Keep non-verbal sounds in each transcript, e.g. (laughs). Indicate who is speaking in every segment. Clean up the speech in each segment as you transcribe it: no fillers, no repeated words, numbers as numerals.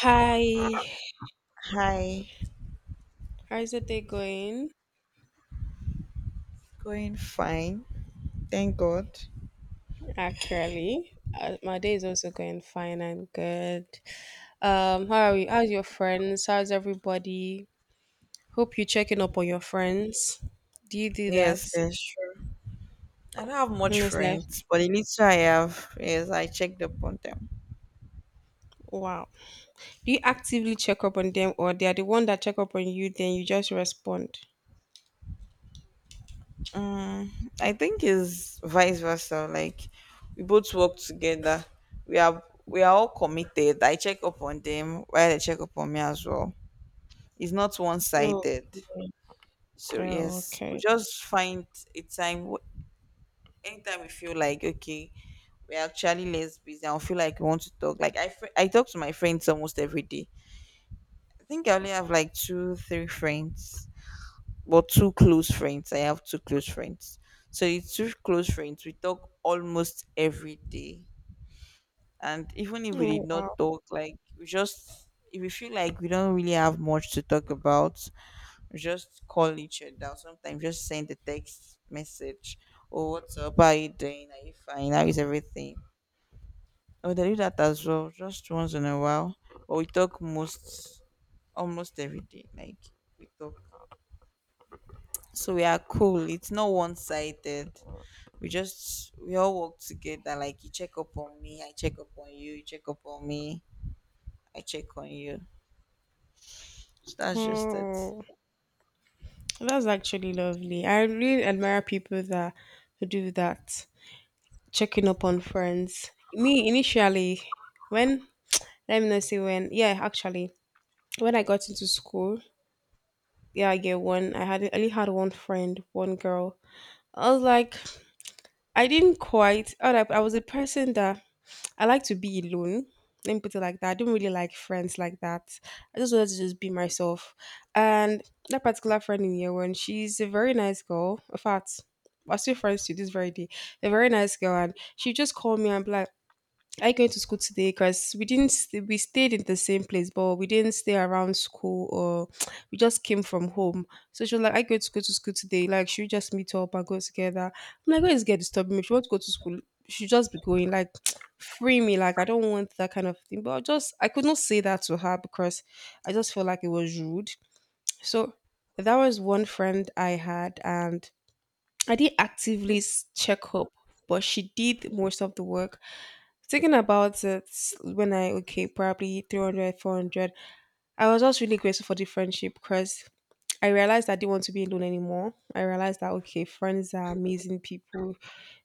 Speaker 1: Hi,
Speaker 2: Hi,
Speaker 1: how's the day going?
Speaker 2: going fine. Thank God.
Speaker 1: Actually, my day is also going fine. I'm good. How are you? How's your friends? How's everybody? Hope you're checking up on your friends. Do you do that?
Speaker 2: Yes, yes, sure. I don't have much
Speaker 1: And it's like,
Speaker 2: friends, but the little I have, yes, I checked up on them.
Speaker 1: wow. Do you actively check up on them, or they are the one that check up on you? Then you just respond.
Speaker 2: Um, I think it's vice versa. Like we both work together. We are all committed. I check up on them while they check up on me as well. It's not one
Speaker 1: Oh,
Speaker 2: sided.
Speaker 1: okay.
Speaker 2: So
Speaker 1: Oh,
Speaker 2: yes, we
Speaker 1: okay.
Speaker 2: just find a time anytime we feel like okay, we're actually less busy. I'll feel like we want to talk. Like I talk to my friends almost every day. I think I only have like two, three friends, but two close friends. I have two close friends. So it's two close friends. We talk almost every day, and even if we did
Speaker 1: Oh, wow.
Speaker 2: not talk, like we just if we feel like we don't really have much to talk about, we just call each other. Sometimes just send a text message or what's up? How are you doing? Are you fine? How is everything? Oh, they do that as well, just once in a while. But we talk most, almost every day. Like we talk, so we are cool. It's not one sided. We all work together. Like you check up on me, I check up on you. You check up on me, I check on you. So that's just it.
Speaker 1: Oh, that's actually lovely. I really admire people that do that. Checking up on friends. Me initially, when let me not say when, yeah, actually, when I got into school, yeah, year one, I only had one friend, one girl. I was like, I didn't quite. I was a person that I like to be alone. Let me put it like that. I don't really like friends like that. I just wanted to just be myself. And that particular friend in year one, she's a very nice girl. In fact, we're still friends to this very day. A very nice girl, and she just called me and be like. I going to school today because we didn't st- we stayed in the same place, but we didn't stay around school or (tsk) we just came from home. So she was like, "I going to go to school today. Like, should we just meet up and go together?" I'm like, "Where is get disturbing me? If you want to go to school, she just be going. Like, (tsk) free me. Like, I don't want that kind of thing." But I could not say that to her because I just felt like it was rude. (tsk) So that was one friend I had, and I didn't actively check up, but she did most of the work. Thinking about it, when I, okay, probably 300 400, I was just really grateful for the friendship because I realized I didn't want to be alone anymore. I realized that, okay, friends are amazing people.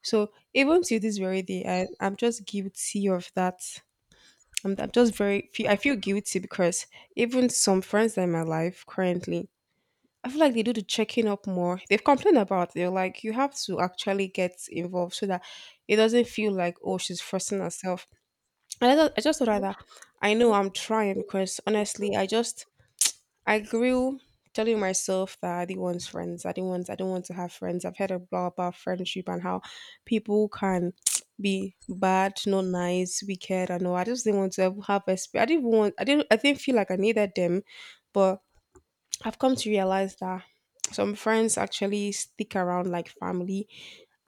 Speaker 1: So even to this very day, I'm just guilty of that. I'm just very, I feel guilty because even some friends that are in my life currently, I feel like they do the checking up more. They've complained about it. They're like, you have to actually get involved so that it doesn't feel like, oh, she's forcing herself. And I just thought rather I know I'm trying because honestly, I grew telling myself that I didn't want friends. I don't want to have friends. I've heard a lot about friendship and how people can (tsk) be bad, not nice, wicked, and all. I just didn't want to have. I didn't feel like I needed them, but I've come to realize that some friends actually stick around like family.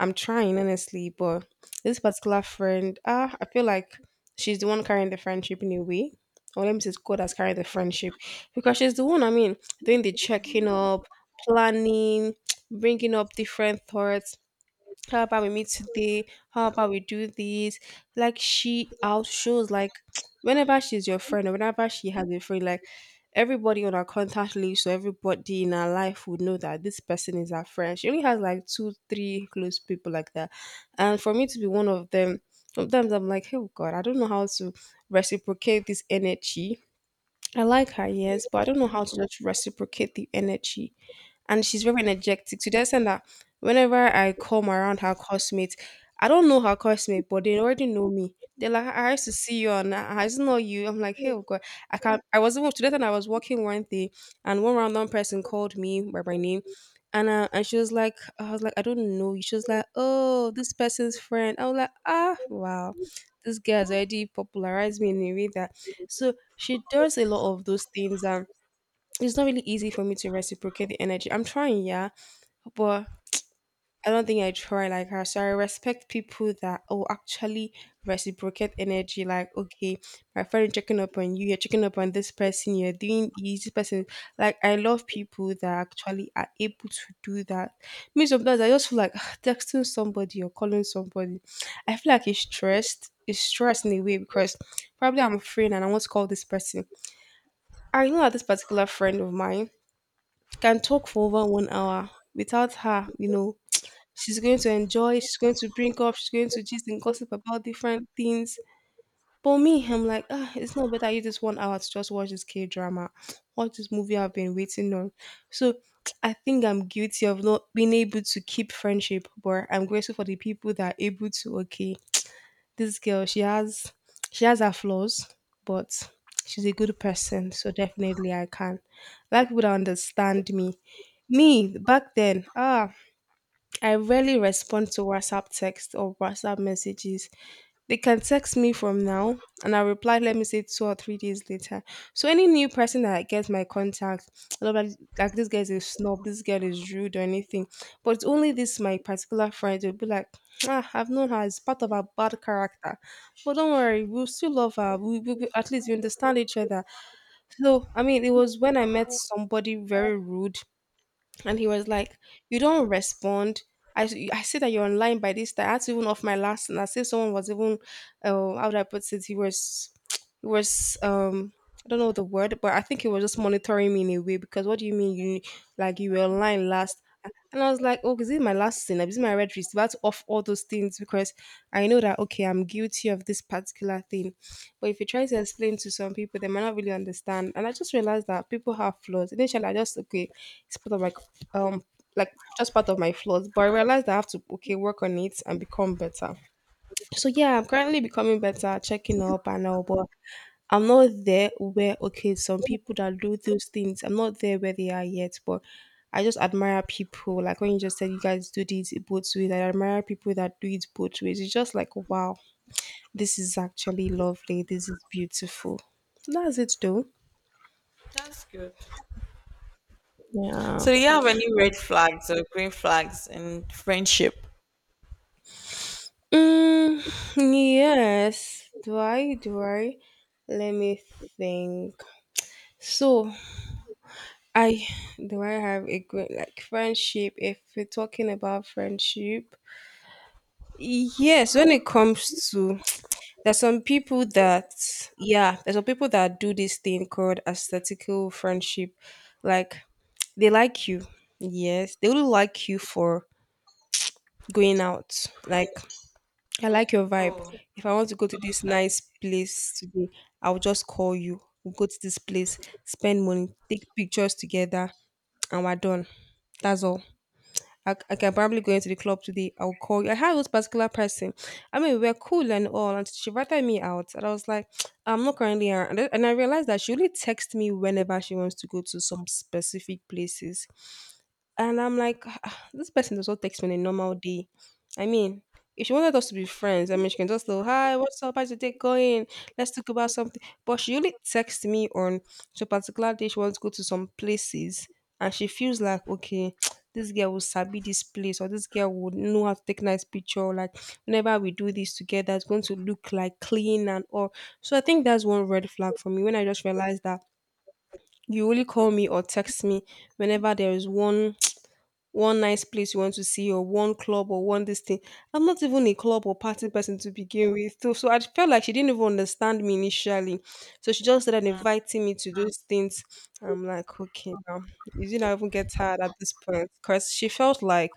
Speaker 1: I'm trying honestly, but this particular friend, I feel like she's the one carrying the friendship in a way. Or let me say, it's God has carried the friendship because she's the one. I mean, doing the checking up, planning, (tsk) bringing up different thoughts, how about we meet today, how about we do this. Like she outshows, like (tsk) whenever she's your friend or whenever she has a friend, like everybody on our contact list or everybody in her life would know that this person is her friend. She only has like two three close people like that, and for me to be one of them, sometimes I'm like, oh God, I don't know how to reciprocate this energy. I like her,
Speaker 2: Okay,
Speaker 1: yes, but I don't know how to just reciprocate the energy. And she's very energetic to the extent that whenever I come around her classmates, I don't know her classmate, but they already know me. They're like, I used to see you, and I used to know you. I'm like, hey, oh God, I can't. I was even to that, and I was walking one day, and one random person called me by my name, and and she was like, I don't know you. She was like, oh, this person's friend. I was like, ah, wow, this girl has already popularized me in a way that. So she does a lot of those things, and it's not really easy for me to reciprocate the energy. I'm trying, yeah, but I don't think I try like her. So I respect people that actually reciprocate energy. Like okay, my friend checking up on you, you're checking up on this person, you're doing this person. Like I love people that actually are able to do that. Me sometimes I just feel like (sighs) texting somebody or calling somebody. I feel like it's stressed. It's stressed in a way because probably I'm a friend and I want to call this person. I know that this particular friend of mine can talk for over 1 hour without her, you know. She's going to enjoy, she's going to bring up, she's going to just and gossip about different things. But me, I'm like, ah, it's not better you this 1 hour to just watch this K drama, watch this movie I've been waiting on. So (tsk) I think I'm guilty of not being able to keep friendship, but I'm grateful for the people that are able to okay. This girl, she has her flaws, but she's a good person, so definitely I can. I like people that understand me. Me, back then, I rarely respond to WhatsApp text or WhatsApp messages. They can text me from now and I reply, let me say 2 or 3 days later. So any new person that gets my contact, a lot of like this guy's a snob, this girl is rude or anything. But only this my particular friend will be like, ah, I've known her, it's part of her bad character. But don't worry, we'll still love her. At least we understand each other. So I mean it was when I met somebody very rude and he was like, "You don't respond. I see that you're online by this time. I had to even off my last, and I see someone was even, how do I put it? He was I don't know the word, but I think he was just monitoring me in a way because what do you mean you like you were online last? And I was like, oh, this is my last sin. This is my red wrist. About to off all those things because I know that okay, I'm guilty of this particular thing. But if you try to explain to some people, they might not really understand. And I just realized that people have flaws. Initially, I just okay, it's part of my like just part of my flaws. But I realized I have to okay work on it and become better. So yeah, I'm currently becoming better, checking up and all, but I'm not there where okay, some people that do those things, I'm not there where they are yet, but I just admire people. Like when you just said you guys do this both ways, I admire people that do it both ways. It's just like wow, this is actually lovely. This is beautiful. That's it though.
Speaker 2: that's good.
Speaker 1: Yeah.
Speaker 2: So do you have any red flags or green flags in friendship?
Speaker 1: Mm, yes. Do I? Do I? Let me think. So I do I have a good like friendship if we're talking about friendship. Yes, when it comes to (tsk) there's some people that yeah, there's some people that do this thing called aesthetical friendship. Like they like you. Yes. They will like you for going out. Like I like your vibe.
Speaker 2: Oh,
Speaker 1: If I want to go to this
Speaker 2: oh,
Speaker 1: nice place today, I'll just call you. We'll go to this place, spend money, take pictures together, and we're done. That's all. I okay, I'm probably going to the club today. I'll call you. I had this particular person. I mean, we were cool and all, and she invited me out, and I was like, (tsk) I'm not currently around. And I realized that she only texts me whenever she wants to go to some specific places. And I'm like, "Ah, this person does not text me on a normal day. I mean, if she wanted us to be friends, I mean, she can just go, hi, what's up? How's your day going? Let's talk about something. But she only texts me on so particular day she wants to go to some places. And she feels like, okay, (tsk) this girl will sabi this place or this girl would know how to take nice picture. Like, whenever we do this together, it's going to look like clean and all. So I think that's one red flag for me when I just realized that you only call me or text me whenever there is one nice place you want to see, or one club, or one this thing. I'm not even a club or party person to begin with. So I felt like she didn't even understand me initially. So she just started inviting me to those things. I'm like, okay, now you didn't even get tired at this point because she felt like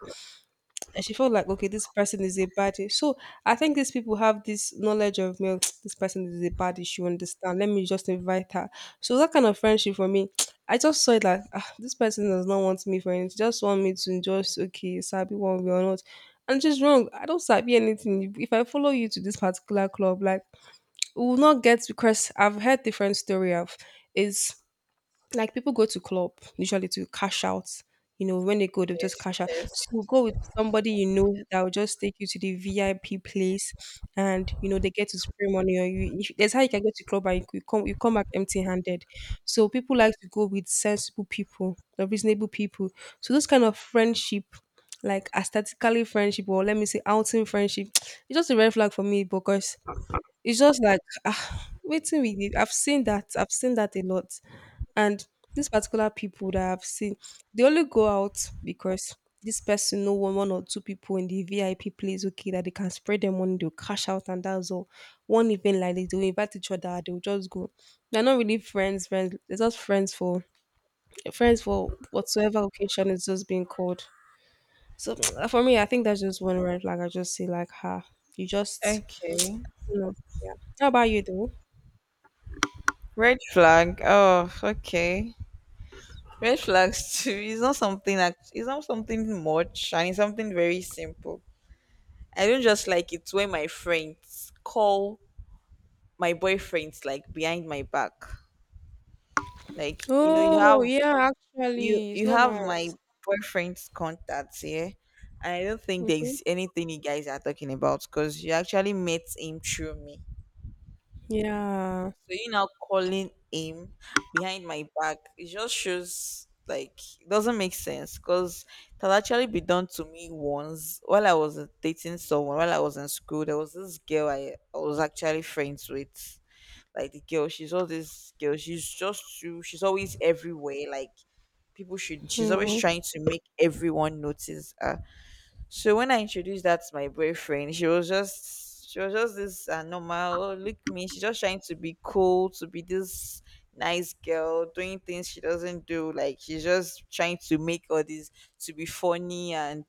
Speaker 1: and she felt like, okay, this person is a baddie. So I think these people have this knowledge of me. (tsk) This person is a baddie, she will understand, let me just invite her. So that kind of friendship, for me, (tsk) I just saw it like, ah, this person does not want me for anything, she just want me to just okay sabi one way or not. And it's just wrong. I don't sabi anything if I follow you to this particular club. Like, (tsk) we will not get, because I've heard different story of is like people go to club usually to cash out. You know, when they go, they just
Speaker 2: yes,
Speaker 1: cash out.
Speaker 2: yes.
Speaker 1: So go with somebody you know that will just take you to the VIP place, and you know they get to spray money on you. If, that's how you can go to club and you come back empty-handed. So people like to go with sensible people, or reasonable people. So those kind of friendship, like aesthetically friendship, or let me say outing friendship, (tsk) it's just a red flag for me, because it's just like, ah, waiting with it. I've seen that. I've seen that a lot. And these particular people that I've seen, they only go out because this person know one, one or two people in the VIP place, okay, that they can spread their money, they'll cash out, and that's all. One event like this, they'll invite each other, they'll just go. They're not really friends, friends. They're just friends for whatsoever occasion is just being called. So (tsk) for me, I think that's just one red flag. I just say like, ha, you just,
Speaker 2: Okay.
Speaker 1: you know, yeah. How about you though?
Speaker 2: Red flag. Oh, okay. Red flags too is not something that it's not something much and it's something very simple. I don't just like it when my friends call my boyfriends like behind my back. Like, you know, you
Speaker 1: Oh,
Speaker 2: have
Speaker 1: yeah,
Speaker 2: you
Speaker 1: actually, it's
Speaker 2: you
Speaker 1: not
Speaker 2: have my
Speaker 1: nice.
Speaker 2: boyfriend's contacts here. And I don't think
Speaker 1: Mhm.
Speaker 2: there's anything you guys are talking about because you actually met him through me.
Speaker 1: Yeah.
Speaker 2: So you now calling him behind my back, it just shows like it doesn't make sense because it had actually been done to me once while I was dating someone while I was in school. There was this girl I was actually friends with. Like the girl, she's all this girl. She's just too. She's always everywhere. Like people should. She's always
Speaker 1: Mhm.
Speaker 2: trying to make everyone notice her so when I introduced that to my boyfriend, she was just this normal. "Oh, look me. She's just trying to be cool, to be this nice girl, doing things she doesn't do. Like she's just trying to make all this to be funny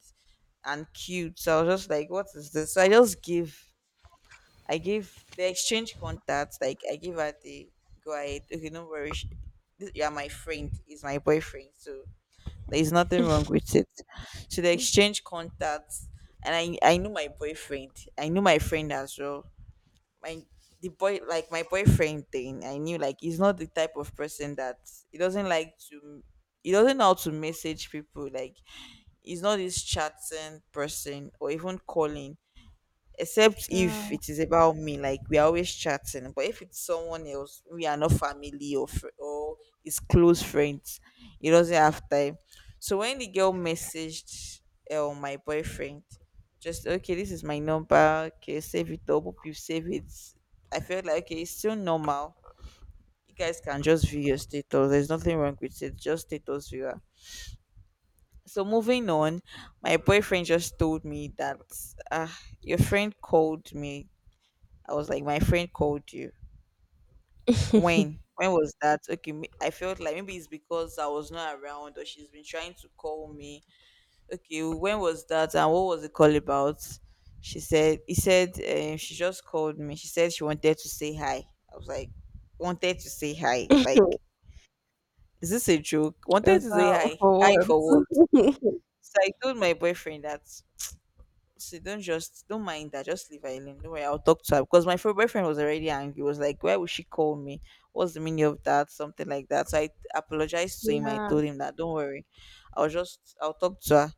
Speaker 2: and cute." So I was just like, what is this? So I just give I gave the exchange contacts. Like I give her the go ahead. Okay, no worries. This, you are my friend. Is my boyfriend. So there's nothing wrong with it. So they exchange contacts, and I knew my boyfriend. I knew my friend as well. My the boy like my boyfriend thing. I knew like he's not the type of person that he doesn't like to. He doesn't know how to message people. Like he's not this chatting person or even calling except if
Speaker 1: Yeah.
Speaker 2: it is about me, like we are always chatting, but if it's someone else we are not family or it's close friends, he doesn't have time. So when the girl messaged my boyfriend just okay this is my number, okay save it up, hope you save it. I felt like okay, it's still normal. You guys can just view your status, there's nothing wrong with it, just status viewer. So moving on, my boyfriend just told me that uh, your friend called me. I was like, my friend called you. When? When was that? Okay, I felt like maybe it's because I was not around or she's been trying to call me. Okay, when was that and what was the call about? She said, he said, she just called me. She said she wanted to say hi. I was like, wanted to say hi. Like,
Speaker 1: (laughs)
Speaker 2: is this a joke? Wanted
Speaker 1: Is
Speaker 2: to say
Speaker 1: that
Speaker 2: hi. Hi
Speaker 1: for
Speaker 2: for what?
Speaker 1: what? (laughs)
Speaker 2: So I told my boyfriend that so don't just don't mind that. Just leave her alone. Don't worry, I'll talk to her, because my boyfriend was already angry. He was like, "Why would she call me? What's the meaning of that? Something like that." So I apologized to him. I
Speaker 1: Yeah.
Speaker 2: told him that, "Don't worry, I'll talk to her."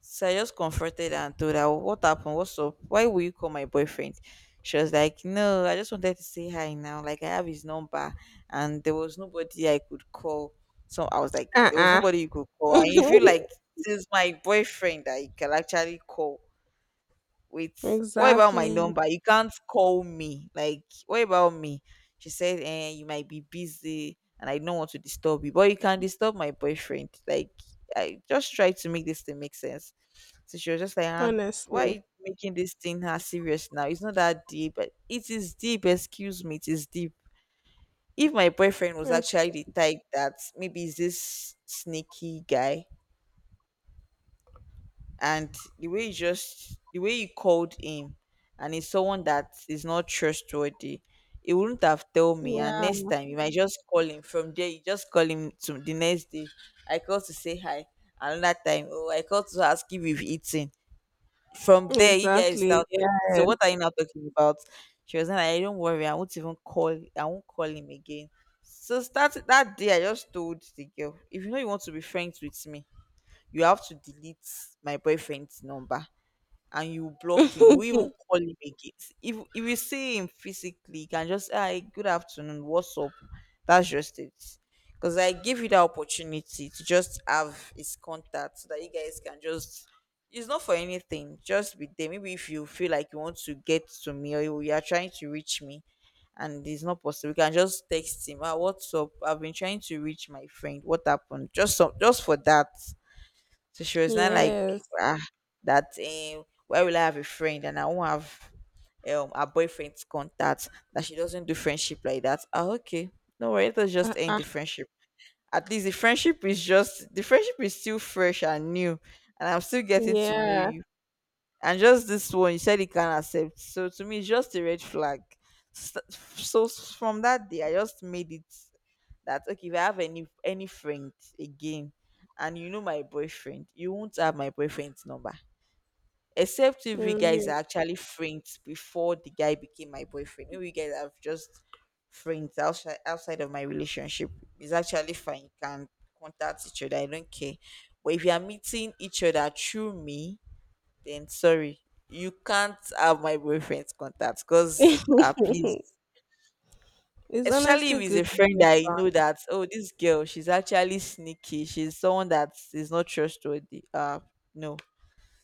Speaker 2: So I just comforted her and told her, "What happened? What's up? Why will you call my boyfriend?" She was like, "No, I just wanted to say hi now. Like I have his number, and there was nobody I could call." So I was like, "There was
Speaker 1: Uh-uh.
Speaker 2: nobody you could call." And
Speaker 1: (laughs)
Speaker 2: if you feel like, this is my boyfriend that you can actually call, wait, what about my
Speaker 1: Exactly.
Speaker 2: number? You can't call me. Like, what about me? She said, eh, you might be busy and I don't want to disturb you, but you can disturb my boyfriend. Like, I just tried to make this thing make sense. So she was just like, ah, why are
Speaker 1: Honestly.
Speaker 2: you making this thing her serious now? It's not that deep. But it is deep, excuse me, it is deep. If my boyfriend was
Speaker 1: Ac-
Speaker 2: actually the type that maybe is this sneaky guy, and the way you called him, and it's someone that is not trustworthy, he wouldn't have told me, and
Speaker 1: Yeah.
Speaker 2: next time you might just call him. From there you just call him to the next day, I called to say hi. Another time, oh, I called to ask if you've eaten. From there you guys
Speaker 1: Exactly.
Speaker 2: start talking. So
Speaker 1: Yes.
Speaker 2: what are you now talking about? She was like, I don't worry, I won't even call, I won't call him again. So start that day, I just told the girl, if you know you want to be friends with me, you have to delete my boyfriend's number, and you block him. You won't even
Speaker 1: (laughs)
Speaker 2: call him again. If you see him physically, you can just hi, good afternoon, what's up? That's just it. Because I give you the opportunity to just have his contact so that you guys can just, it's not for anything. Just be there. Maybe if you feel like you want to get to me, or you are trying to reach me and it's not possible, you can just text him. Ah, what's up? I've been trying to reach my friend. What happened? Just some, just for that. So she was not like
Speaker 1: Yes.
Speaker 2: ah, that. Where will I have a friend and I won't have her boyfriend's contact? That she doesn't do friendship like that. Ah, okay, no worry. Let's just end
Speaker 1: Uh-uh.
Speaker 2: the friendship. At least the friendship is just the friendship is still fresh and new, and I'm still getting to know
Speaker 1: Yeah.
Speaker 2: you. And just this one, you said you can't accept. So to me, it's just a red flag. So, so from that day, I just made it that okay, if I have any friend again, and you know my boyfriend, you won't have my boyfriend's number, except if you guys are
Speaker 1: You.
Speaker 2: actually friends before the guy became my boyfriend. If you guys have just friends outside of my relationship, it's actually fine, you can contact each other, I don't care. But if you are meeting each other through me, then sorry, you can't have my boyfriend's contact, because please,
Speaker 1: (laughs) It's
Speaker 2: especially if
Speaker 1: honestly
Speaker 2: it's
Speaker 1: good
Speaker 2: a
Speaker 1: to
Speaker 2: friend
Speaker 1: see
Speaker 2: that you know
Speaker 1: fun.
Speaker 2: that oh, this girl, she's actually sneaky, she's someone that is not trustworthy, no.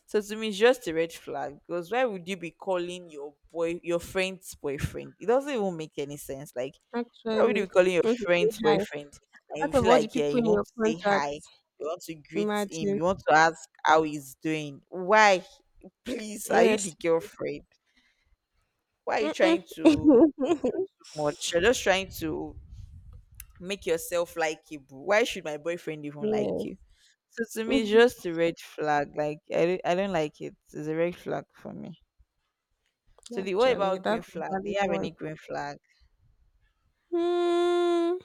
Speaker 2: So to me, it's just a red flag, because why would you be calling your boy, your friend's boyfriend? It doesn't even make any sense. Like, why would you
Speaker 1: Actually,
Speaker 2: be calling your
Speaker 1: want to say
Speaker 2: friend's
Speaker 1: hi.
Speaker 2: boyfriend, and you
Speaker 1: Out of
Speaker 2: feel
Speaker 1: all the
Speaker 2: like yeah,
Speaker 1: people
Speaker 2: you
Speaker 1: in
Speaker 2: want
Speaker 1: your
Speaker 2: to say hi,
Speaker 1: contacts,
Speaker 2: you want to greet him,
Speaker 1: imagine.
Speaker 2: you want to ask how he's doing? Why? Please, are you the
Speaker 1: Yes.
Speaker 2: girlfriend? Why are you
Speaker 1: Mm-mm.
Speaker 2: trying to do
Speaker 1: (laughs)
Speaker 2: much? You're just trying to make yourself like likable. Why should my boyfriend even like
Speaker 1: Yes.
Speaker 2: you? So to me, it's
Speaker 1: Mhm.
Speaker 2: just a red flag. Like I don't like it. It's a red flag for me. So the what
Speaker 1: Actually,
Speaker 2: about green
Speaker 1: that's a
Speaker 2: flag? Do
Speaker 1: valid
Speaker 2: you have
Speaker 1: one.
Speaker 2: any green flag?
Speaker 1: Hmm.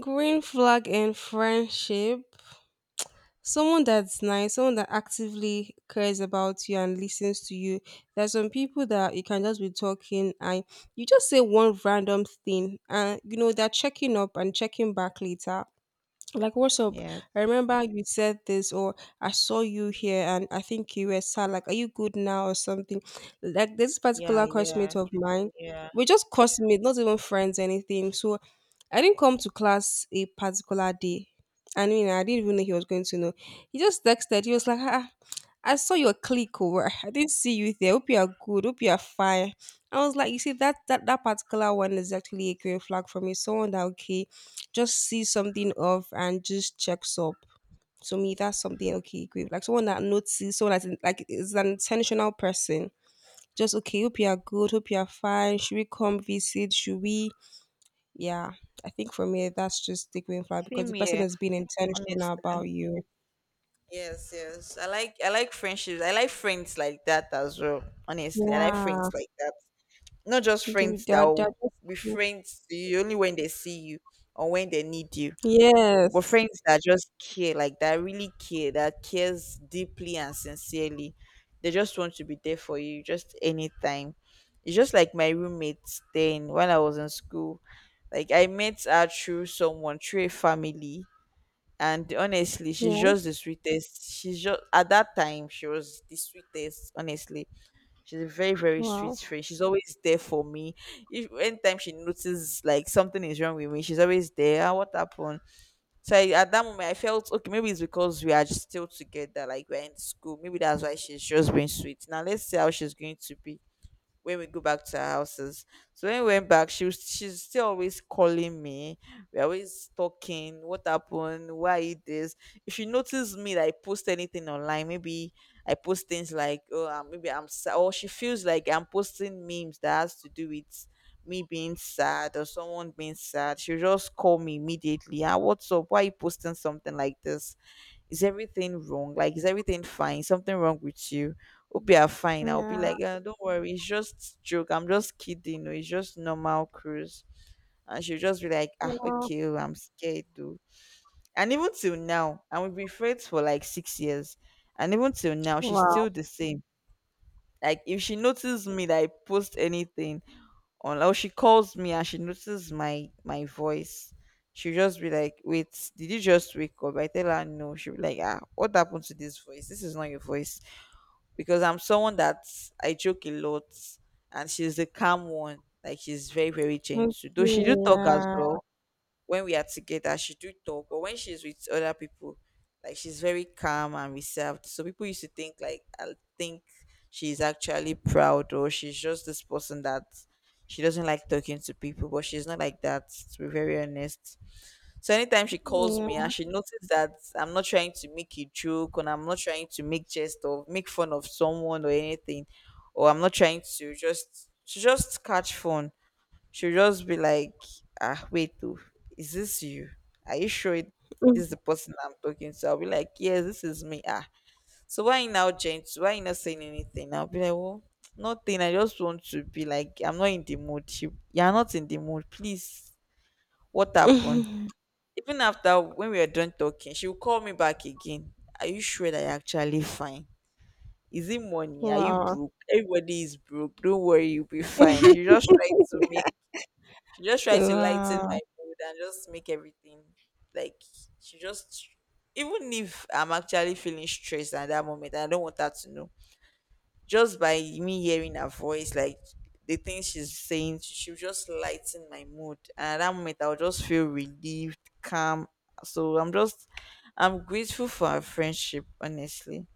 Speaker 1: Green flag in friendship. Someone that's nice, someone that actively cares about you and listens to you. There's some people that you can just be talking and you just say one random thing and you know they're checking up and checking back later. Like, what's up?
Speaker 2: Yes.
Speaker 1: I remember you said this, or I saw you here, and I think you were sad. Like, are you good now, or something? Like, this
Speaker 2: Yeah,
Speaker 1: particular classmate
Speaker 2: yeah,
Speaker 1: of mine,
Speaker 2: yeah.
Speaker 1: we just classmates, not even friends, anything. So, I didn't come to class a particular day. I mean, I didn't even know he was going to know. He just texted. He was like, ah, I saw your click over. I didn't see you there. Hope you are good. Hope you are fine. I was like, you see, that that particular one is actually a green flag for me. Someone that, okay, just see something off and just checks up. To me, that's something okay, great. Like someone that notices, someone that's in- like is an intentional person. Just okay, hope you are good, hope you are fine. Should we come visit? Should we? Yeah, I think for me that's just the green flag because the
Speaker 2: Same
Speaker 1: person
Speaker 2: here,
Speaker 1: has been intentional about
Speaker 2: honestly.
Speaker 1: you.
Speaker 2: Yes, yes. I like friendships. I like friends like that as well. Honestly, I like
Speaker 1: Yeah,
Speaker 2: friends like that. Not just
Speaker 1: do
Speaker 2: friends that
Speaker 1: that. Are
Speaker 2: will be
Speaker 1: cool.
Speaker 2: friends to you only when they see you or when they need you. But
Speaker 1: Yes.
Speaker 2: friends that just care, like that really care, that cares deeply and sincerely, they just want to be there for you just anytime. It's just like my roommates then when I was in school. Like I met her through someone, through a family. And honestly, she's
Speaker 1: Yeah.
Speaker 2: just the sweetest. She's just at that time she was the sweetest. Honestly, she's a very sweet
Speaker 1: Wow.
Speaker 2: friend. She's always there for me. If anytime she notices like something is wrong with me, she's always there. Ah, what happened? So at that moment, I felt okay. Maybe it's because we are just still together, like we're in school. Maybe that's why she's just being sweet. Now let's see how she's going to be when we go back to our houses. So when we went back, she's still always calling me. We're always talking. What happened? Why it this? If she notices me that I post anything online, maybe I post things like maybe I'm sad, or she feels like I'm posting memes that has to do with me being sad or someone being sad. She'll just call me immediately. Ah, what's up? Why you posting something like this? Is everything wrong? Like, is everything fine? Something wrong with you? Hope you are fine. I'll be
Speaker 1: Yeah.
Speaker 2: like, don't worry, it's just joke. I'm just kidding. No, it's just normal cruise. And she'll just be like, ah,
Speaker 1: Wow.
Speaker 2: okay, oh, I'm scared though. And even till now, and we've been friends for like 6 years. And even till now, she's
Speaker 1: Wow.
Speaker 2: still the same. Like if she notices me that I post anything on, or she calls me and she notices my voice, she'll just be like, wait, did you just wake up? I tell her no. She'll be like, ah, what happened to this voice? This is not your voice. Because I'm someone that I joke a lot, and she's the calm one. Like she's very
Speaker 1: Okay.
Speaker 2: gentle, though she do talk as
Speaker 1: Yeah.
Speaker 2: well. When we are together, she do talk, but when she's with other people, like she's very calm and reserved. So people used to think like I think she's actually proud, or she's just this person that she doesn't like talking to people, but she's not like that, to be very honest. So anytime she calls me
Speaker 1: Yeah.
Speaker 2: and she notices that I'm not trying to make a joke, and I'm not trying to make jest or make fun of someone or anything, or I'm not trying to just she just catch fun, she'll just be like, ah, wait, oh, is this you? Are you sure it this is the person I'm talking to? I'll be like, yes, this is me. Ah, so why you now gentle? Why you not saying anything? I'll be like, well, nothing. I just want to be like, I'm not in the mood. You're not in the mood. Please, what happened?
Speaker 1: (laughs)
Speaker 2: Even after when we were done talking, she will call me back again. Are you sure that you're actually fine? Is it money? Are you
Speaker 1: Wow.
Speaker 2: broke? Everybody is broke. Don't worry, you'll be fine.
Speaker 1: (laughs)
Speaker 2: She just tried to lighten
Speaker 1: Wow,
Speaker 2: my mood and just make everything like she just, even if I'm actually feeling stressed at that moment, I don't want her to know. Just by me hearing her voice, like the things she's saying, she will just lighten my mood. And at that moment, I'll just feel relieved, calm. So I'm grateful for our friendship, honestly.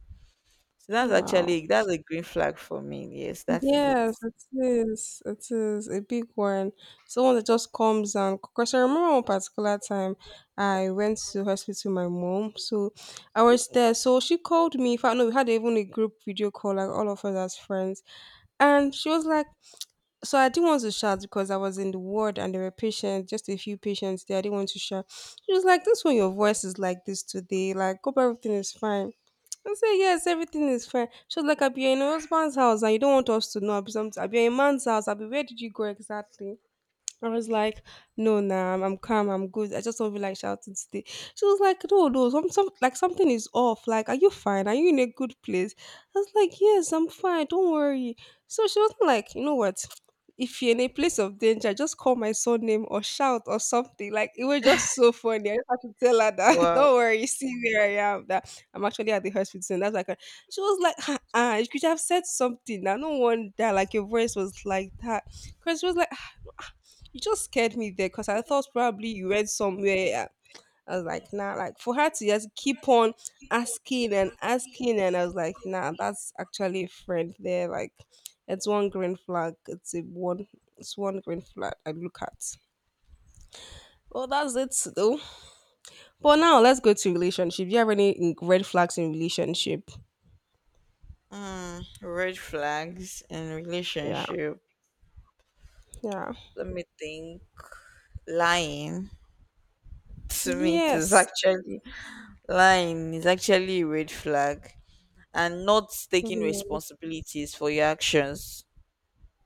Speaker 2: So
Speaker 1: wow.
Speaker 2: that's a green flag for me. Yes, that is it.
Speaker 1: Yes, it is. It is a big one. Someone that just comes, and because I remember one particular time I went to hospital with my mom. So I was there. So she called me. In fact, no, we had even a group video call, like all of us as friends. And she was like, so I didn't want to shout because I was in the ward and there were patients, just a few patients there. I didn't want to shout. She was like, this one, your voice is like this today. Like, hope everything is fine. I say yes, everything is fine. She was like, I you're in your husband's house and you don't want us to know. Abi, something. Abi, you're in a man's house. I be where did you go exactly? I was like, no, nah, I'm calm, I'm good. I just don't feel like shouting today. She was like, no, no, some, like something is off. Like, are you fine? Are you in a good place? I was like, yes, I'm fine. Don't worry. So she was like, you know what? If you're in a place of danger, just call my surname or shout or something. Like it was just so funny. I just had to tell her that. (laughs)
Speaker 2: Well,
Speaker 1: Don't worry, see where I am. That I'm actually at the hospital. And that's like, a- she was like, ah, ah, you could have said something. Now no wonder like your voice was like that. Because she was like, ah, you just scared me there because I thought probably you read somewhere. Yeah. I was like, nah, like for her to just keep on asking and asking, and I was like, nah, that's actually a friend there. Like, it's one green flag. It's a one. It's one green flag. I look at. Well, that's it though. But now let's go to relationship. Do you have any mm, red flags in relationship?
Speaker 2: mm, red flags in
Speaker 1: Yeah,
Speaker 2: relationship.
Speaker 1: yeah,
Speaker 2: Let me think. Lying to me is
Speaker 1: yes,
Speaker 2: actually lying is actually a red flag, and not taking
Speaker 1: mhm.
Speaker 2: responsibilities for your actions.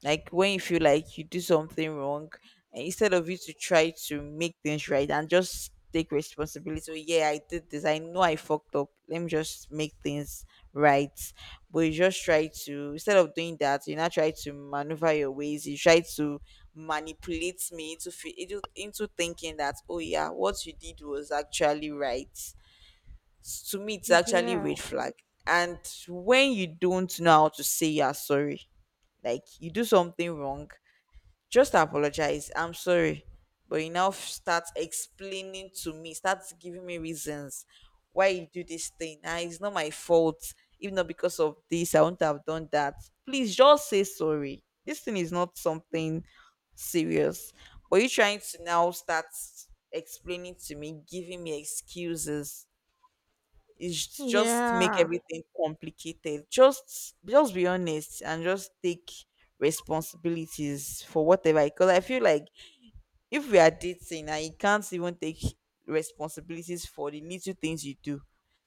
Speaker 2: Like when you feel like you do something wrong, and instead of you to try to make things right and just take responsibility, so yeah, I did this, I know I fucked up, let me just make things right. But you just try to, instead of doing that, you now try to maneuver your ways, you try to manipulate me into fe- into thinking that oh yeah, what you did was actually right. To me it's actually a
Speaker 1: Yeah,
Speaker 2: red flag. And when you don't know how to say you're sorry, like you do something wrong, just apologize, I'm sorry. But you now start explaining to me, start giving me reasons why you do this thing. Ah, it's not my fault, if not because of this I wouldn't have done that. Please just say sorry, this thing is not something serious. But you trying to now start explaining to me, giving me excuses. It's just make
Speaker 1: yeah.
Speaker 2: everything complicated. Just be honest and just take responsibilities for whatever. Because I feel like if we are dating and you can't even take responsibilities for the little things you do,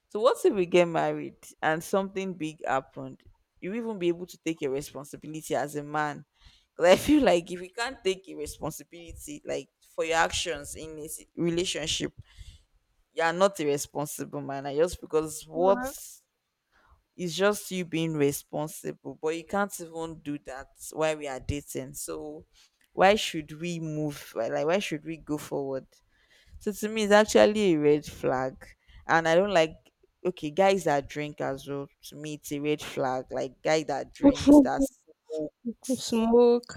Speaker 2: so what if we get married and something big happened? You even be able to take your responsibility as a man. Because I feel like if you can't take a responsibility like for your actions in a relationship, you are not a responsible man. And just because what
Speaker 1: Right.
Speaker 2: is just you being responsible, but you can't even do that while we are dating. So why should we move why should we go forward? So to me it's actually a red flag. And I don't like, okay, guys that drink as well, to me it's a red flag. Like guy that drinks,
Speaker 1: (laughs)
Speaker 2: that's, oh,
Speaker 1: Smoke,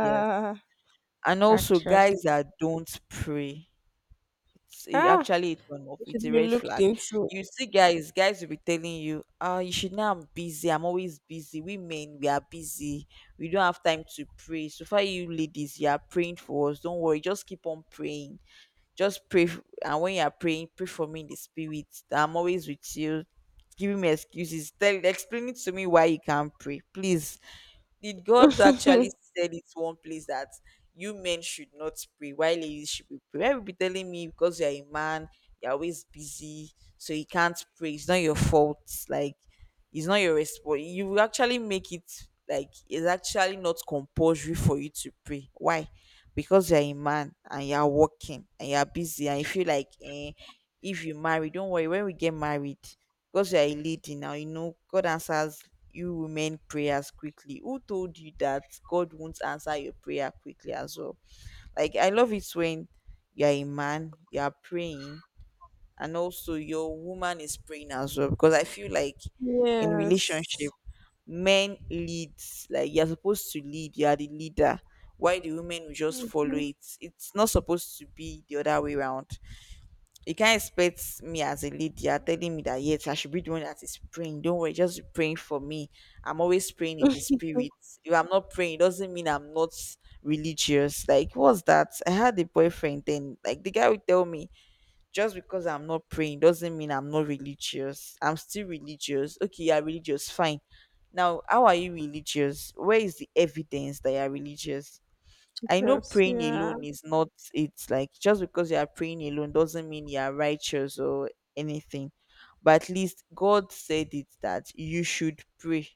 Speaker 2: yes. And also guys
Speaker 1: Actually.
Speaker 2: that don't pray, it
Speaker 1: Ah,
Speaker 2: actually a turn off.
Speaker 1: it
Speaker 2: It's
Speaker 1: should
Speaker 2: a
Speaker 1: be
Speaker 2: red
Speaker 1: looked
Speaker 2: flag.
Speaker 1: into.
Speaker 2: You see, guys will be telling you, "Ah, you should know I'm busy. I'm always busy. We men, we are busy. We don't have time to pray. So far, you ladies, you are praying for us. Don't worry. Just keep on praying. Just pray. And when you are praying, pray for me in the spirit. I'm always with you." Giving me excuses. Explaining to me why you can't pray. Please. Did God actually
Speaker 1: (laughs)
Speaker 2: said it's one place that you men should not pray? Why ladies should be praying? People be telling me because you're a man, you're always busy, so you can't pray. It's not your fault. Like it's not your response. You will actually make it like it's actually not compulsory for you to pray. Why? Because you're a man and you're working and you're busy, and you feel like eh, if you marry, don't worry, when we get married, because you are a lady now, you know God answers you women prayers quickly. Who told you that God won't answer your prayer quickly as well? Like I love it when you're a man, you're praying, and also your woman is praying as well. Because I feel like in
Speaker 1: Yes.
Speaker 2: relationship, men leads, like you're supposed to lead, you're the leader. Why the women will just follow
Speaker 1: Mhm.
Speaker 2: it? It's not supposed to be the other way around. You can't expect me as a leader telling me that yes, I should be the one that is praying. Don't worry, just be praying for me. I'm always praying in the
Speaker 1: (laughs)
Speaker 2: spirit. If I'm not praying, it doesn't mean I'm not religious. Like, what's that? I had a boyfriend then. Like the guy would tell me, just because I'm not praying doesn't mean I'm not religious. I'm still religious. Okay, you're religious, fine. Now, how are you religious? Where is the evidence that you're religious? I know
Speaker 1: Yes,
Speaker 2: praying
Speaker 1: yeah.
Speaker 2: alone is not, it's like just because you are praying alone doesn't mean you are righteous or anything. But at least God said it that you should pray.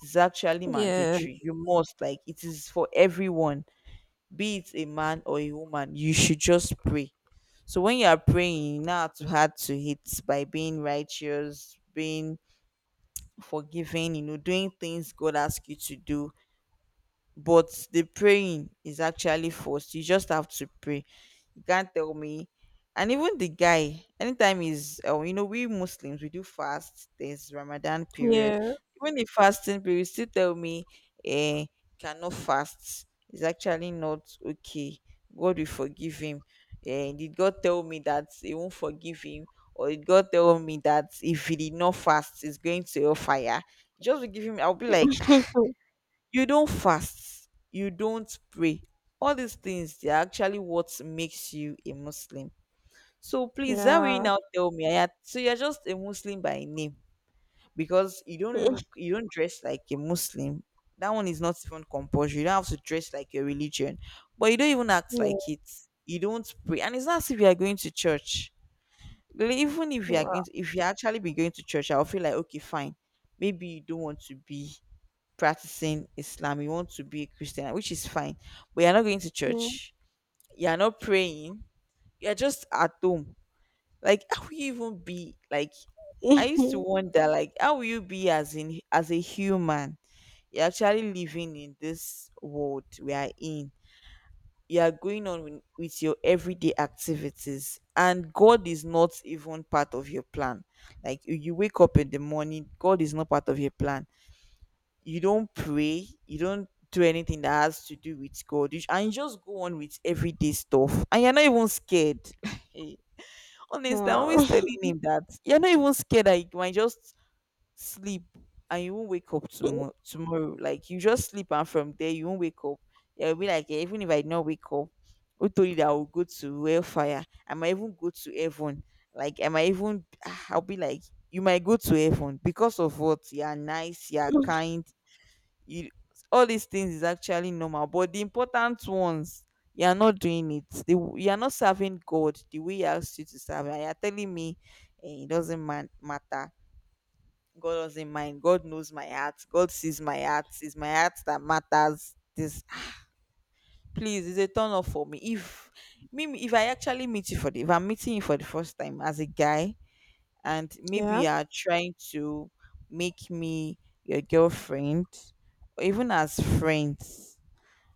Speaker 2: It's actually
Speaker 1: Yeah,
Speaker 2: mandatory. You must, like it is for everyone, be it a man or a woman, you should just pray. So when you are praying, you know how to hard to hit by being righteous, being forgiving, you know, doing things God asks you to do. But the praying is actually forced, you just have to pray. You can't tell me. And even the guy, anytime is you know, we Muslims we do fast, there's Ramadan period.
Speaker 1: yeah.
Speaker 2: Even the fasting period, you still tell me eh, cannot fast. It's actually not okay. God will forgive him. Eh, did God tell me that he won't forgive him? Or did God tell me that if he did not fast he's going to hellfire? Just to give him, I'll be like,
Speaker 1: (laughs)
Speaker 2: you don't fast, you don't pray, all these things they're actually what makes you a Muslim. So please, that way you
Speaker 1: Yeah.
Speaker 2: now tell me so you're just a Muslim by name. Because you don't look,
Speaker 1: (laughs)
Speaker 2: you don't dress like a Muslim. That one is not even compulsory, you don't have to dress like your religion. But you don't even act
Speaker 1: Yeah.
Speaker 2: like it. You don't pray, and it's not as if you are going to church. Like, even if you are
Speaker 1: Wow.
Speaker 2: going to, if you actually be going to church, I'll feel like okay fine, maybe you don't want to be practicing Islam, you want to be a Christian, which is fine, but you're not going to
Speaker 1: Yeah.
Speaker 2: church, you're not praying, you're just at home. Like, how will you even be? Like, I used to
Speaker 1: (laughs)
Speaker 2: wonder, like, how will you be as in as a human? You're actually living in this world we are in. You are going on with your everyday activities, and God is not even part of your plan. Like you wake up in the morning, God is not part of your plan, you don't pray, you don't do anything that has to do with God, and you just go on with everyday stuff, and you're not even scared. (laughs) Hey, honestly, I'm
Speaker 1: Wow.
Speaker 2: always telling him that you're not even scared that you might just sleep and you won't wake up tomorrow.
Speaker 1: (laughs)
Speaker 2: Like you just sleep, and from there you won't wake up. You'll be like, "Eh, even if I did not wake up, who told you that I will go to hellfire? I might even go to heaven. Like I might even, ah." I'll be like, you might go to heaven because of what, you are nice, you are kind, you, all these things is actually normal, but the important ones you are not doing it. You are not serving God the way he asked you to serve, and you're telling me eh, it doesn't matter, God doesn't mind, God knows my heart, God sees my heart, it's my heart that matters. This, please, it's a turn off for me. If I actually meet you for the, if I'm meeting you for the first time as a guy, and maybe
Speaker 1: Yeah.
Speaker 2: you are trying to make me your girlfriend or even as friends,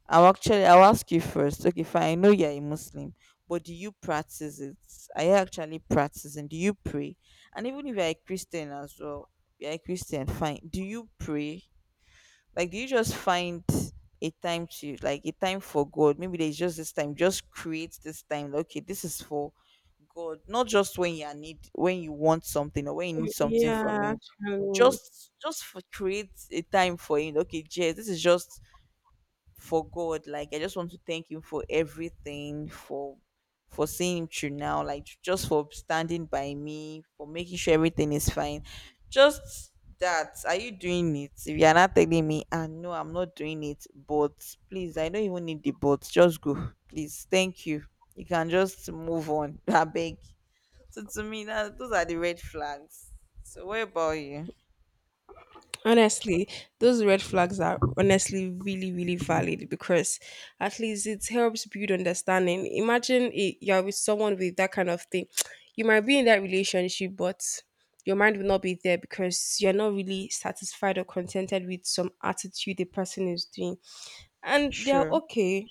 Speaker 2: I'll ask you first. Okay, fine. I know you're a Muslim, but do you practice it? Are you actually practicing? Do you pray? And even if you're a Christian as well, you're a Christian, fine. Do you pray? Like do you just find a time to like a time for God? Maybe there's just this time. Just create this time. Like, okay, this is for God. Not just when you are need, when you want something or when you need something from
Speaker 1: Yeah,
Speaker 2: him.
Speaker 1: actually.
Speaker 2: Just for Create a time for him. Okay, yes, this is just for God. Like I just want to thank him for everything, for seeing him through now, like just for standing by me, for making sure everything is fine. Just that. Are you doing it? If you're not, telling me, ah no, I'm not doing it. But please, I don't even need the but. Just go. Please. Thank you. You can just move on. (laughs) I beg. So to me, that those are the red flags. So what about you?
Speaker 1: Honestly, those red flags are honestly really, really valid because at least it helps build understanding. Imagine I- you're with someone with that kind of thing. (tsk) You might be in that relationship, but your mind will not be there because you're not really satisfied or contented with some attitude the person is doing. And they're
Speaker 2: Sure.
Speaker 1: okay.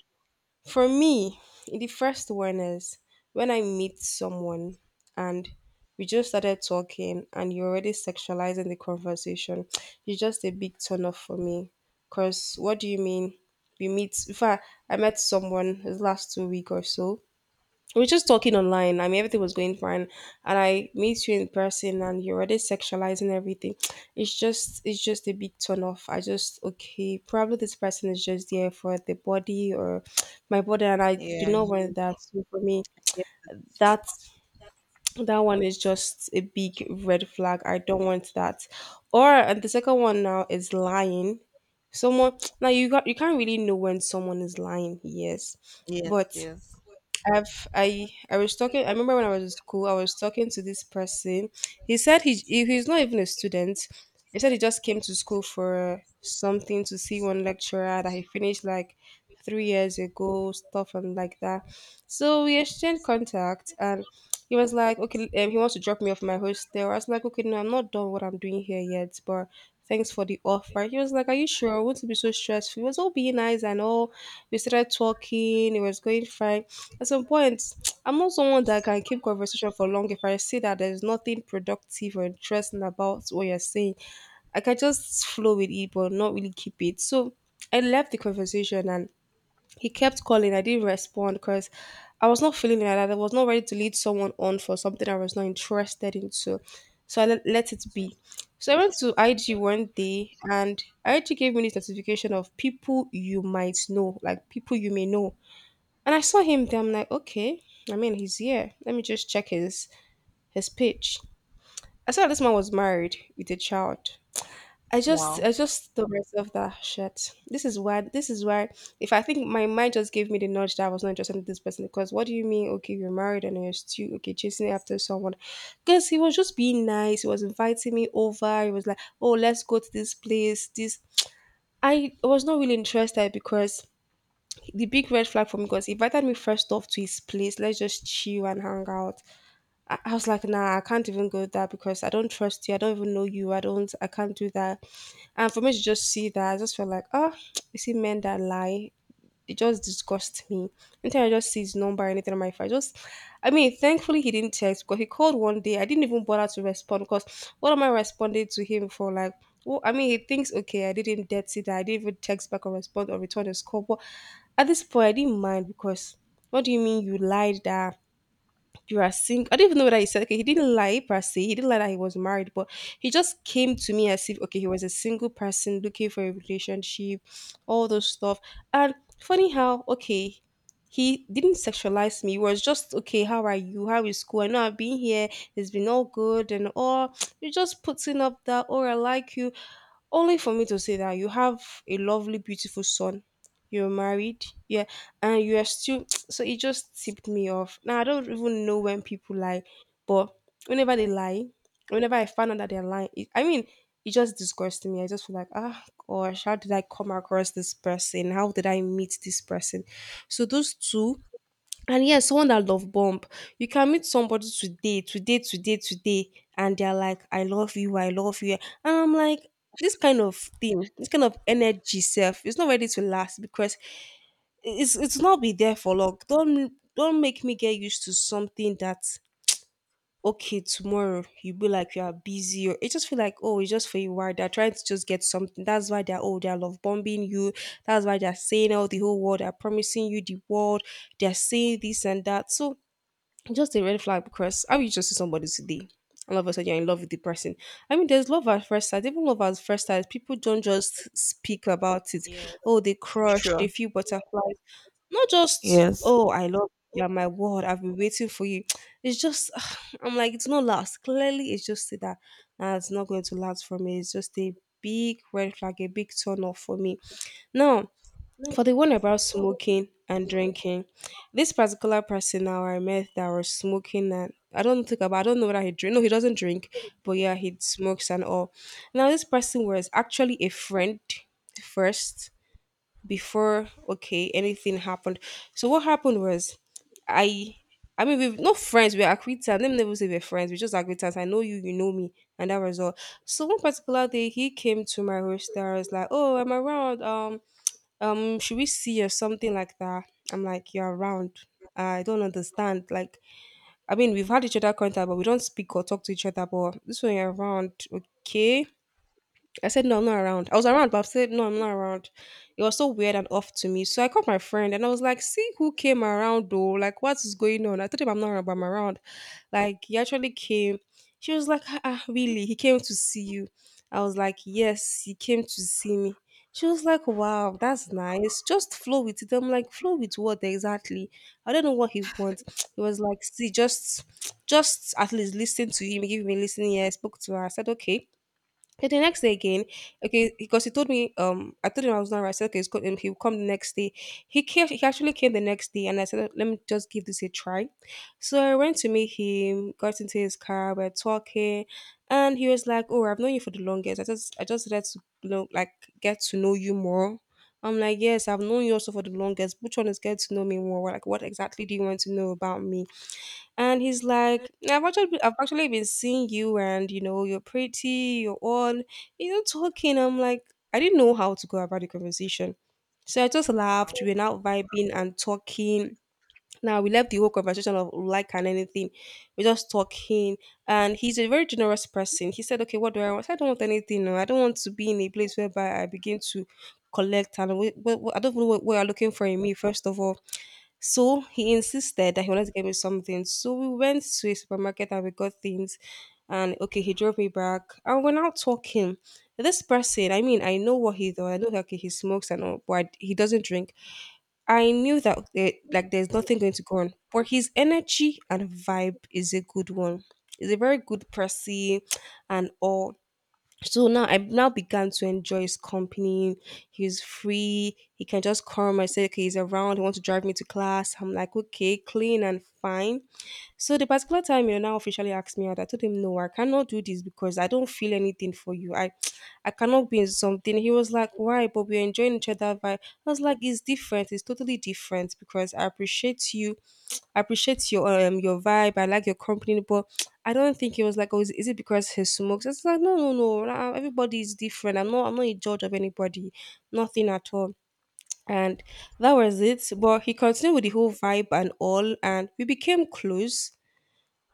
Speaker 1: For me, the first one is when I meet someone and we just started talking and you're already sexualizing the conversation. (tsk) It's just a big turn off for me. Cause what do you mean? We meet, in fact I met someone this last 2 weeks or so, we were just talking online. I mean, everything was going fine, and I meet you in person, and you're already sexualizing everything. (tsk) It's just a big turn off. I just okay, probably this person is just there for the body or (tsk) my body, and I do
Speaker 2: Yeah.
Speaker 1: not want
Speaker 2: you-
Speaker 1: that. So for me,
Speaker 2: yeah.
Speaker 1: that that one is just a big red flag. I don't want that. Or and the second one now is lying. Someone (tsk) now you got you can't really know when someone is lying. Yes,
Speaker 2: Yes,
Speaker 1: but
Speaker 2: yes.
Speaker 1: I was talking. I remember when I was in school, I was talking to this person. He said he's not even a student. He said he just came to school for something to see one lecturer that he finished like 3 years ago, stuff and like that. So we exchanged contact, and he was like, okay, he wants to drop me off my hostel. I was like, okay, no, I'm not done what I'm doing here yet, but. Thanks for the offer. He was like, are you sure? I want to be so stressful. He was all being nice and all. We started talking. It was going fine. At some point, I'm not someone that can keep conversation for long if I see that there's nothing productive or interesting about what you're saying. I can just flow with it, but not really keep it. So I left the conversation and he kept calling. I didn't respond because I was not feeling like that. I was not ready to lead someone on for something I was not interested into. So so I let, let it be. So I went to IG one day and IG gave me this notification of people you might know, like people you may know. And I saw him there. I'm like, okay. I mean, he's here. Let me just check his page. I saw this man was married with a child.
Speaker 2: Wow.
Speaker 1: I just told myself that shit. This is why if I think my mind just gave me the nudge that I was not interested in this person because what do you mean? Okay, you're married and you're still okay chasing after someone. Because he was just being nice. He was inviting me over. He was like, oh, let's go to this place. This I was not really interested because the big red flag for me because he invited me first off to his place. Let's just chill and hang out. I was like, nah, I can't even go there because I don't trust you. I don't even know you. I don't. I can't do that. And for me to just see that, I just felt like, oh, (tsk) you see men that lie, it just disgusts me. Anytime I just see his number or anything on my phone, I just, I mean, thankfully he didn't text because he called 1 day. I didn't even bother to respond because what am I responding to him for? Like, well, I mean, he thinks okay, I didn't dead see that I didn't even text back or respond or return his call. But at this point, I didn't mind because what do you mean you lied that you are single? I don't even know whether he said okay, he didn't lie per se. He didn't lie that he was married, but he just came to me as if okay, he was a single person looking for a relationship, all those stuff. And funny how okay, he didn't sexualize me. It was just okay, how are you? How is school? I know I've been here, it's been all good and all. You're just putting up that or I like you. Only for me to say that you have a lovely, beautiful son. You're married. Yeah, and you are still (tsk) so it just tipped me off. Now I don't even know when people lie, but whenever they lie, whenever I find out that they're lying it, I mean, it just disgusts me. I just feel like, ah gosh, how did I come across this person? How did I meet this person? So those two. And yes, someone that love bomb, you can meet somebody today, today, today, today, and they're like, I love you, I love you, and I'm like, this kind of thing, this kind of energy self, it's not ready to last because it's not be there for long. Don't make me get used to something that okay tomorrow you be like you are busy, or it just feel like, oh, it's just for you while they're trying to just get something. That's why they're, oh, they're love bombing you. That's why they're saying all the whole world, they're promising you the world, they're saying this and that. So just a red flag because how you just see somebody today and all of a sudden you're in love with the person. I mean, there's love at first sight. Even love at first sight, people don't just speak about it. Oh, they crush, they
Speaker 2: Sure.
Speaker 1: feel butterflies. Not just,
Speaker 2: Yes.
Speaker 1: oh, I love you, you're my word, I've been waiting for you. (tsk) It's just, (sighs) I'm like, it's not last. Clearly, it's just that nah, it's not going to last for me. It's just a big red flag, a big turn off for me. Now, for the one about smoking and drinking, this particular person now I met that was smoking and I don't think about I don't know whether he drink, no he doesn't drink, but yeah he smokes and all. Now this person was actually a friend first before okay anything happened. So what happened was, I I mean, we've no friends, we're acquaintance. Let me never say we're friends, we're just acquaintance. I know you, you know me, and that was all. So one particular day he came to my host. I was like, oh, I'm around. Should we see or something like that? I'm like, you're around. I don't understand. Like, I mean, we've had each other contact, but we don't speak or talk to each other. But this one you're around, okay? I said, no, I'm not around. I was around, but I said, no, I'm not around. It was so weird and off to me. So I called my friend and I was like, see who came around though. Like, what is going on? I told him I'm not around, but I'm around. Like, he actually came. She was like, ah, ah, really? He came to see you. I was like, yes, he came to see me. She was like, wow, that's nice. Just flow with it. I'm like, flow with what exactly? I don't know what he wants. (tsk) He was like, see, just at least listen to him. Give him a listening ear. I spoke to her. I said, okay. But the next day again, okay, because he told me, I told him I was not right. I said, okay, it's good, and he'll come the next day. He came, he actually came the next day, and I said, let me just give this a try. So I went to meet him, got into his car, we're talking, and he was like, oh, I've known you for the longest. I just had to, you know, like get to know you more. I'm like, yes, I've known you also for the longest. Which one is get to know me more? Like, what exactly do you want to know about me? And he's like, I've actually been seeing you, and you know, you're pretty, you're all, you know, talking. I'm like, I didn't know how to go about the conversation. So I just laughed. We
Speaker 2: Wow.
Speaker 1: were now vibing and talking. Now we left the whole conversation of like and anything. We're just talking. And he's a very generous person. He said, okay, what do I want? I said, I don't want anything. No. I don't want to be in a place whereby I begin to collect and I don't know what you're looking for in me, first of all. So he insisted that he wanted to get me something. So we went to a supermarket and we got things. And okay, he drove me back. And we're now talking. This person, I mean, I know what he does. I know that okay, he smokes and all, but he doesn't drink. I knew that there, like there's nothing going to go on. But his energy and vibe is a good one. He's a very good person and all. So now I now began to enjoy his company. He was free. He can just come. I said, okay, he's around. He wants to drive me to class. I'm like, okay, clean and fine. So the particular time, you know, now officially asked me out. I told him, no, I cannot do this because I don't feel anything for you. I cannot be in something. He was like, why? But we're enjoying each other. Vibe. I was like, it's different. It's totally different because I appreciate you. I appreciate your vibe. I like your company, but (tsk) I don't think it was like, oh, is it because he smokes? It's like, no, no, no. Nah, everybody is different. I'm not a judge of anybody. Nothing at all. And that was it. But he continued with the whole vibe and all, and we became close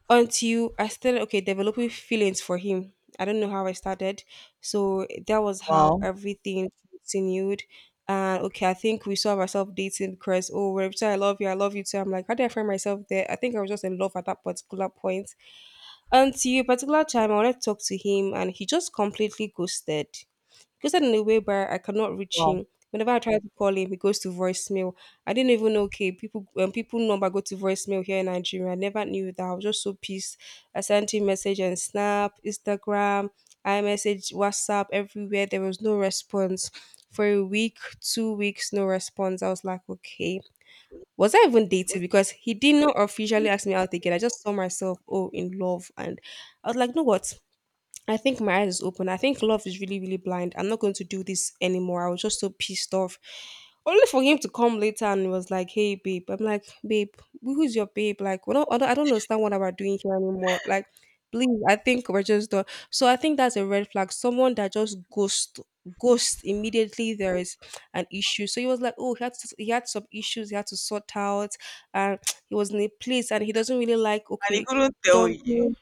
Speaker 1: until I started okay developing feelings for him. I don't know how I started, so that was how
Speaker 2: Wow.
Speaker 1: everything continued. And okay, I think we saw ourselves dating because oh, when I say I love you too. I'm like, how did I find myself there? I think I was just in love at that particular point. Until a particular time, I wanted to talk to him, and he just completely ghosted. Ghosted in a way where I cannot reach
Speaker 2: Wow.
Speaker 1: him. Whenever I try to call him, he goes to voicemail. I didn't even know. Okay, people, people number go to voicemail here in Nigeria. I never knew that. I was just so pissed. I sent him message on Snap, Instagram, iMessage, WhatsApp, everywhere. There was no response for a week, 2 weeks, no response. I was like, okay, was I even dating? Because he did not officially ask me out again. I just saw myself, oh, in love. And I was like, no, what? I think my eyes is open. I think love is really, really blind. I'm not going to do this anymore. I was just so pissed off. Only for him to come later and he was like, "Hey, babe." I'm like, "Babe, who is your babe?" Like, we don't, I don't understand what we're doing here anymore. Like, please, I think we're just done. So I think that's a red flag. Someone that just ghost immediately. There is an issue. So he was like, "Oh, he had some issues. He had to sort out, and (tsk) he was in a place, and he doesn't really like
Speaker 2: And he
Speaker 1: okay."
Speaker 2: couldn't tell you.
Speaker 1: Dumping,
Speaker 2: (laughs)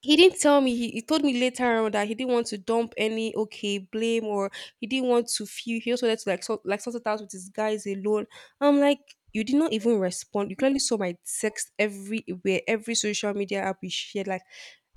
Speaker 1: he didn't tell me he told me later on that he didn't want to dump any okay blame or he didn't want to feel he just wanted to like sort it out with his guys alone. I'm like, you did not even respond, you clearly saw my text everywhere, every social media app you shared. Like,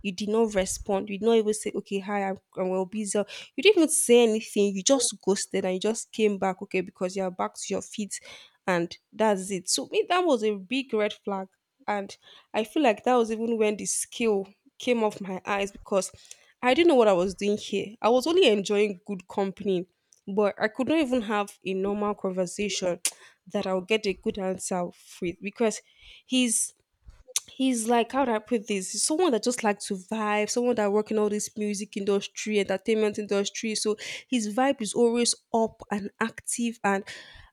Speaker 1: you did not respond, you did not even say okay, hi, I'm well busy, you didn't even say anything, you just ghosted and you just came back okay because you're back to your feet and that's it. So me, that was a big red flag. And I feel like that was even when the scale came off my eyes because I didn't know what I was doing here. I was only enjoying good company, but I could not even have a normal conversation (tsk) that I'll get a good answer with because he's he's like, how do I put this? He's someone that just likes to vibe, someone that work in all this music industry, entertainment industry. So his vibe is always up and active, and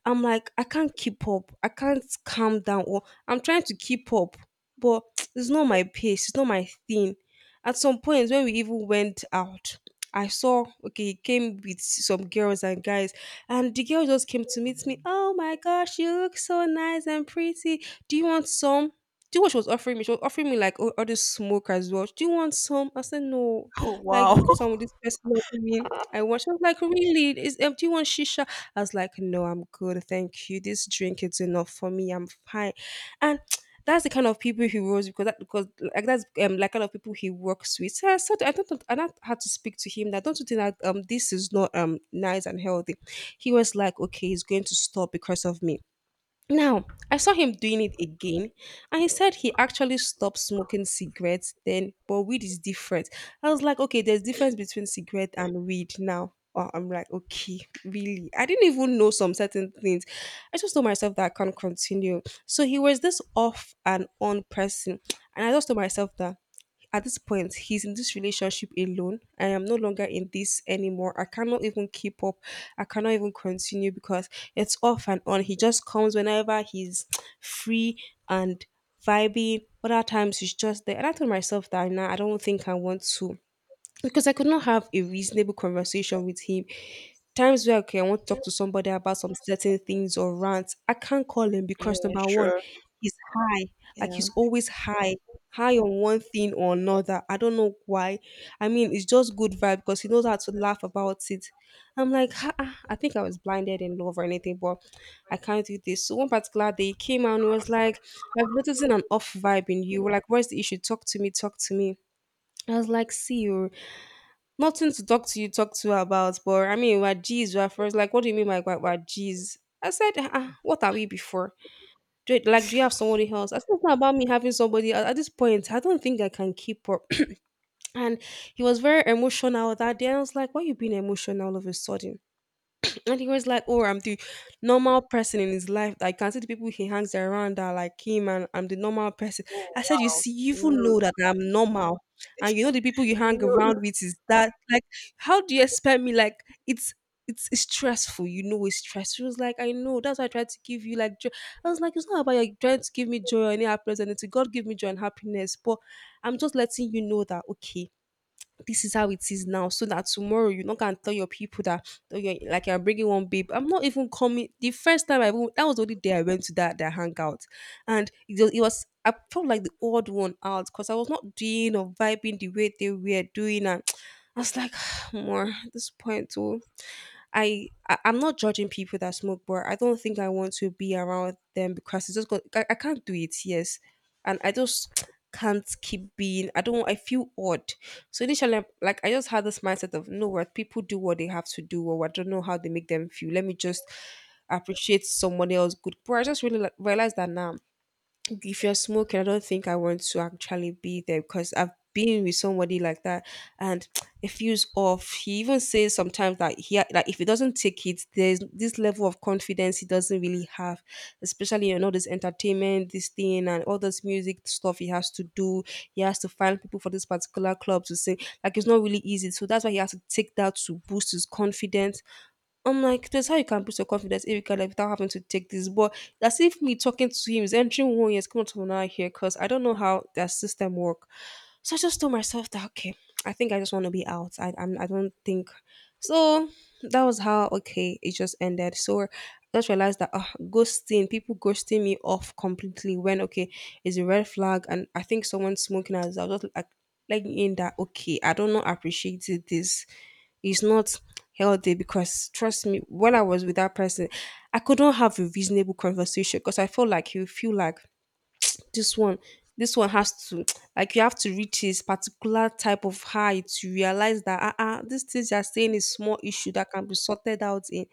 Speaker 1: I'm like, I can't keep up. I can't calm down or I'm trying to keep up, but (tsk) it's not my pace, it's not my thing. At some point when we even went out, I saw okay, he came with some girls and guys, and the girl just came to meet me. Oh my gosh, you look so nice and pretty. Do you want some? Do you know what she was offering me? She was offering me like all this smoke as well. Do you want some? I said no.
Speaker 2: Oh,
Speaker 1: Like,
Speaker 2: wow.
Speaker 1: because I'm with this person, you know what I mean, I want. She was like, really? Is do you want shisha? I was like, no, I'm good, thank you. This drink is enough for me. I'm fine. And (tsk) that's the kind of people he was, because that, because like that's like kind of people he works with. So I said I don't, I not had to speak to him that don't you think that this is not nice and healthy. He was like, okay, he's going to stop because of me. Now, I saw him doing it again, and he said he actually stopped smoking cigarettes then, but weed is different. I was like, okay, there's difference between cigarette and weed now. Oh, I'm like, okay, really? I didn't even know some certain things. I just told myself that I can't continue. So he was this off and on person, and I just told myself that at this point, he's in this relationship alone. I am no longer in this anymore. I cannot even keep up. I cannot even continue because it's off and on. He just comes whenever he's (tsk) free and vibing. Other times he's just there. And I told myself that now I don't think I want to, because I could not have a reasonable conversation with him. Times where okay, I want to talk to somebody about some certain things or rants, I can't call him
Speaker 2: (laughs)
Speaker 1: because
Speaker 2: Yeah,
Speaker 1: number one,
Speaker 2: sure.
Speaker 1: he's high. Like,
Speaker 2: Yeah.
Speaker 1: he's always high, high on one thing or another. I don't know why. I mean, it's just good vibe because he knows how to laugh about it. I'm like, "Ha, ah, I think I was blinded in love or anything, but I can't do this." So one particular day he came out and he was like, I've noticed an off vibe in you. Like, where's the issue? Talk to me, talk to me. I was like, see you. Nothing to talk to you, talk to her about. But I mean, we are G's, we're friends. Like, what do you mean by we're G's? I said, ah, ah, what are we before? Do it, like, do you have somebody else? I said, it's not about me having somebody at this point. I don't think I can keep up. (clears throat) And he was very emotional that day. I was like, why you being emotional all of a sudden? And he was like, "Oh, I'm the normal person in his life. I can see the people he hangs around are like him, and I'm the normal person."
Speaker 2: Oh,
Speaker 1: I said, "You
Speaker 2: wow.
Speaker 1: see, you
Speaker 2: He
Speaker 1: even
Speaker 2: knows.
Speaker 1: know that I'm normal, and you know the people you
Speaker 2: He
Speaker 1: hang
Speaker 2: knows.
Speaker 1: around with is that. Like, how do you expect me? Like, it's." It's stressful, you know. It's stressful. He was like, I know. That's why I tried to give you like joy. I was like, it's not about you trying to give me joy or any happiness, and it's God give me joy and happiness. But I'm just letting you know that okay, this is how it is now so that tomorrow you not gonna tell your people that oh, you're, like you're bringing one babe. I'm not even coming. The first time I even, that was the only day I went to that their hangout, and it was I felt like the odd one out because I was not doing or vibing the way they were doing, and (tsk) I was like (sighs) more at this point too, I'm not judging people that smoke, but I don't think I want to be around them because it's just got I can't do it. Yes, and I just (tsk) can't keep being. I don't. I feel odd. So initially, like I just had this mindset of no, what people do what they have to do, or I don't know how they make them feel. Let me just appreciate someone else good. But I just really like, realized that now if you're smoking, I don't think I want to actually be there because I've been with somebody like that, and (tsk) it feels off. He even says sometimes that like if he doesn't take it, there's this level of confidence he doesn't really have, especially you know this entertainment, this thing and all this music stuff he has to do. He has to find people for this particular club to sing. Like, it's not really easy. So that's why he has to take that to boost his confidence. I'm like, there's how you can boost your confidence if you can, like, without having to take this. But that's if me talking to him is entering 1 year, it's coming to another here because I don't know how their system work. So I just told myself that okay, I think I just want to be out. I don't think so. That was how okay it just ended. So I just realized that ghosting people, ghosting me off completely when okay is a red flag, and I think someone smoking as I was just like in that okay I don't know appreciate this is not healthy because trust me, when I was with that person, I couldn't have a reasonable conversation because I felt like, you feel like this one, this one has to (tsk) like you have to reach his particular type of high to realize that ah uh-uh, these things you're saying is small issue that can be sorted out in.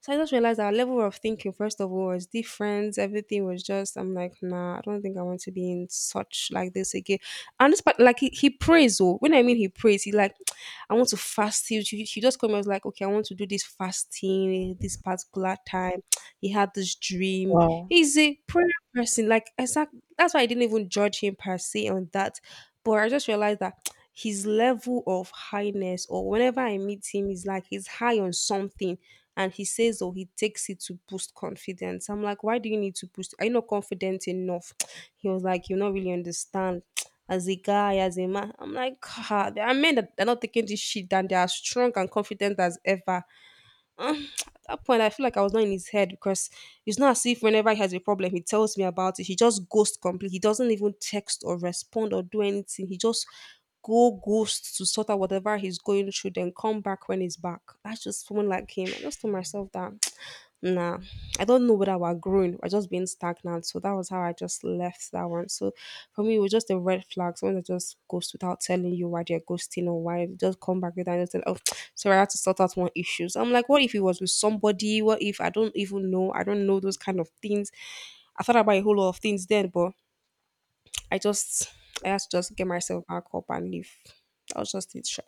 Speaker 1: So I just realized our level of thinking, first of all, was different. Everything was just, I'm like, nah, I don't think I want to be in such like this again. And this part, like, he prays, oh, when I mean he prays, he like, (tsk) I want to fast. He just come and was like, okay, I want to do this fasting this particular time. (tsk) He had this dream.
Speaker 2: Wow.
Speaker 1: He's a prayer person. Like, exactly. That's why I didn't even judge him per se on that. But I just realized that his level of highness or whenever I meet him, he's like he's high on something, and he says or he takes it to boost confidence. I'm like, why do you need to boost? Are you not confident enough? (tsk) He was like, you not really understand. (tsk) As a guy, as a man, I'm like, ah, there are men that are not taking this shit and they are strong and confident as ever. (tsk) At that point, I feel like I was not in his head because it's not as if whenever he has a problem, he tells me about it. He just ghosts completely. He doesn't even text or respond or do anything. He just go ghost to sort out whatever he's going through, then come back when he's back. That's just someone like him. I just told myself that (tsk) nah, I don't know whether we're growing or just being stagnant. So that was how I just left that one. So for me, it was just a red flag. Someone that just goes without telling you why they're ghosting or why they just come back with and just tell, oh, (tsk) sorry, I had to sort out one issue. So I'm like, what if it was with somebody? What if I don't even know? I don't know those kind of things. I thought about a whole lot of things then, but I just, I had to just get myself back up and leave. That was just it, sure.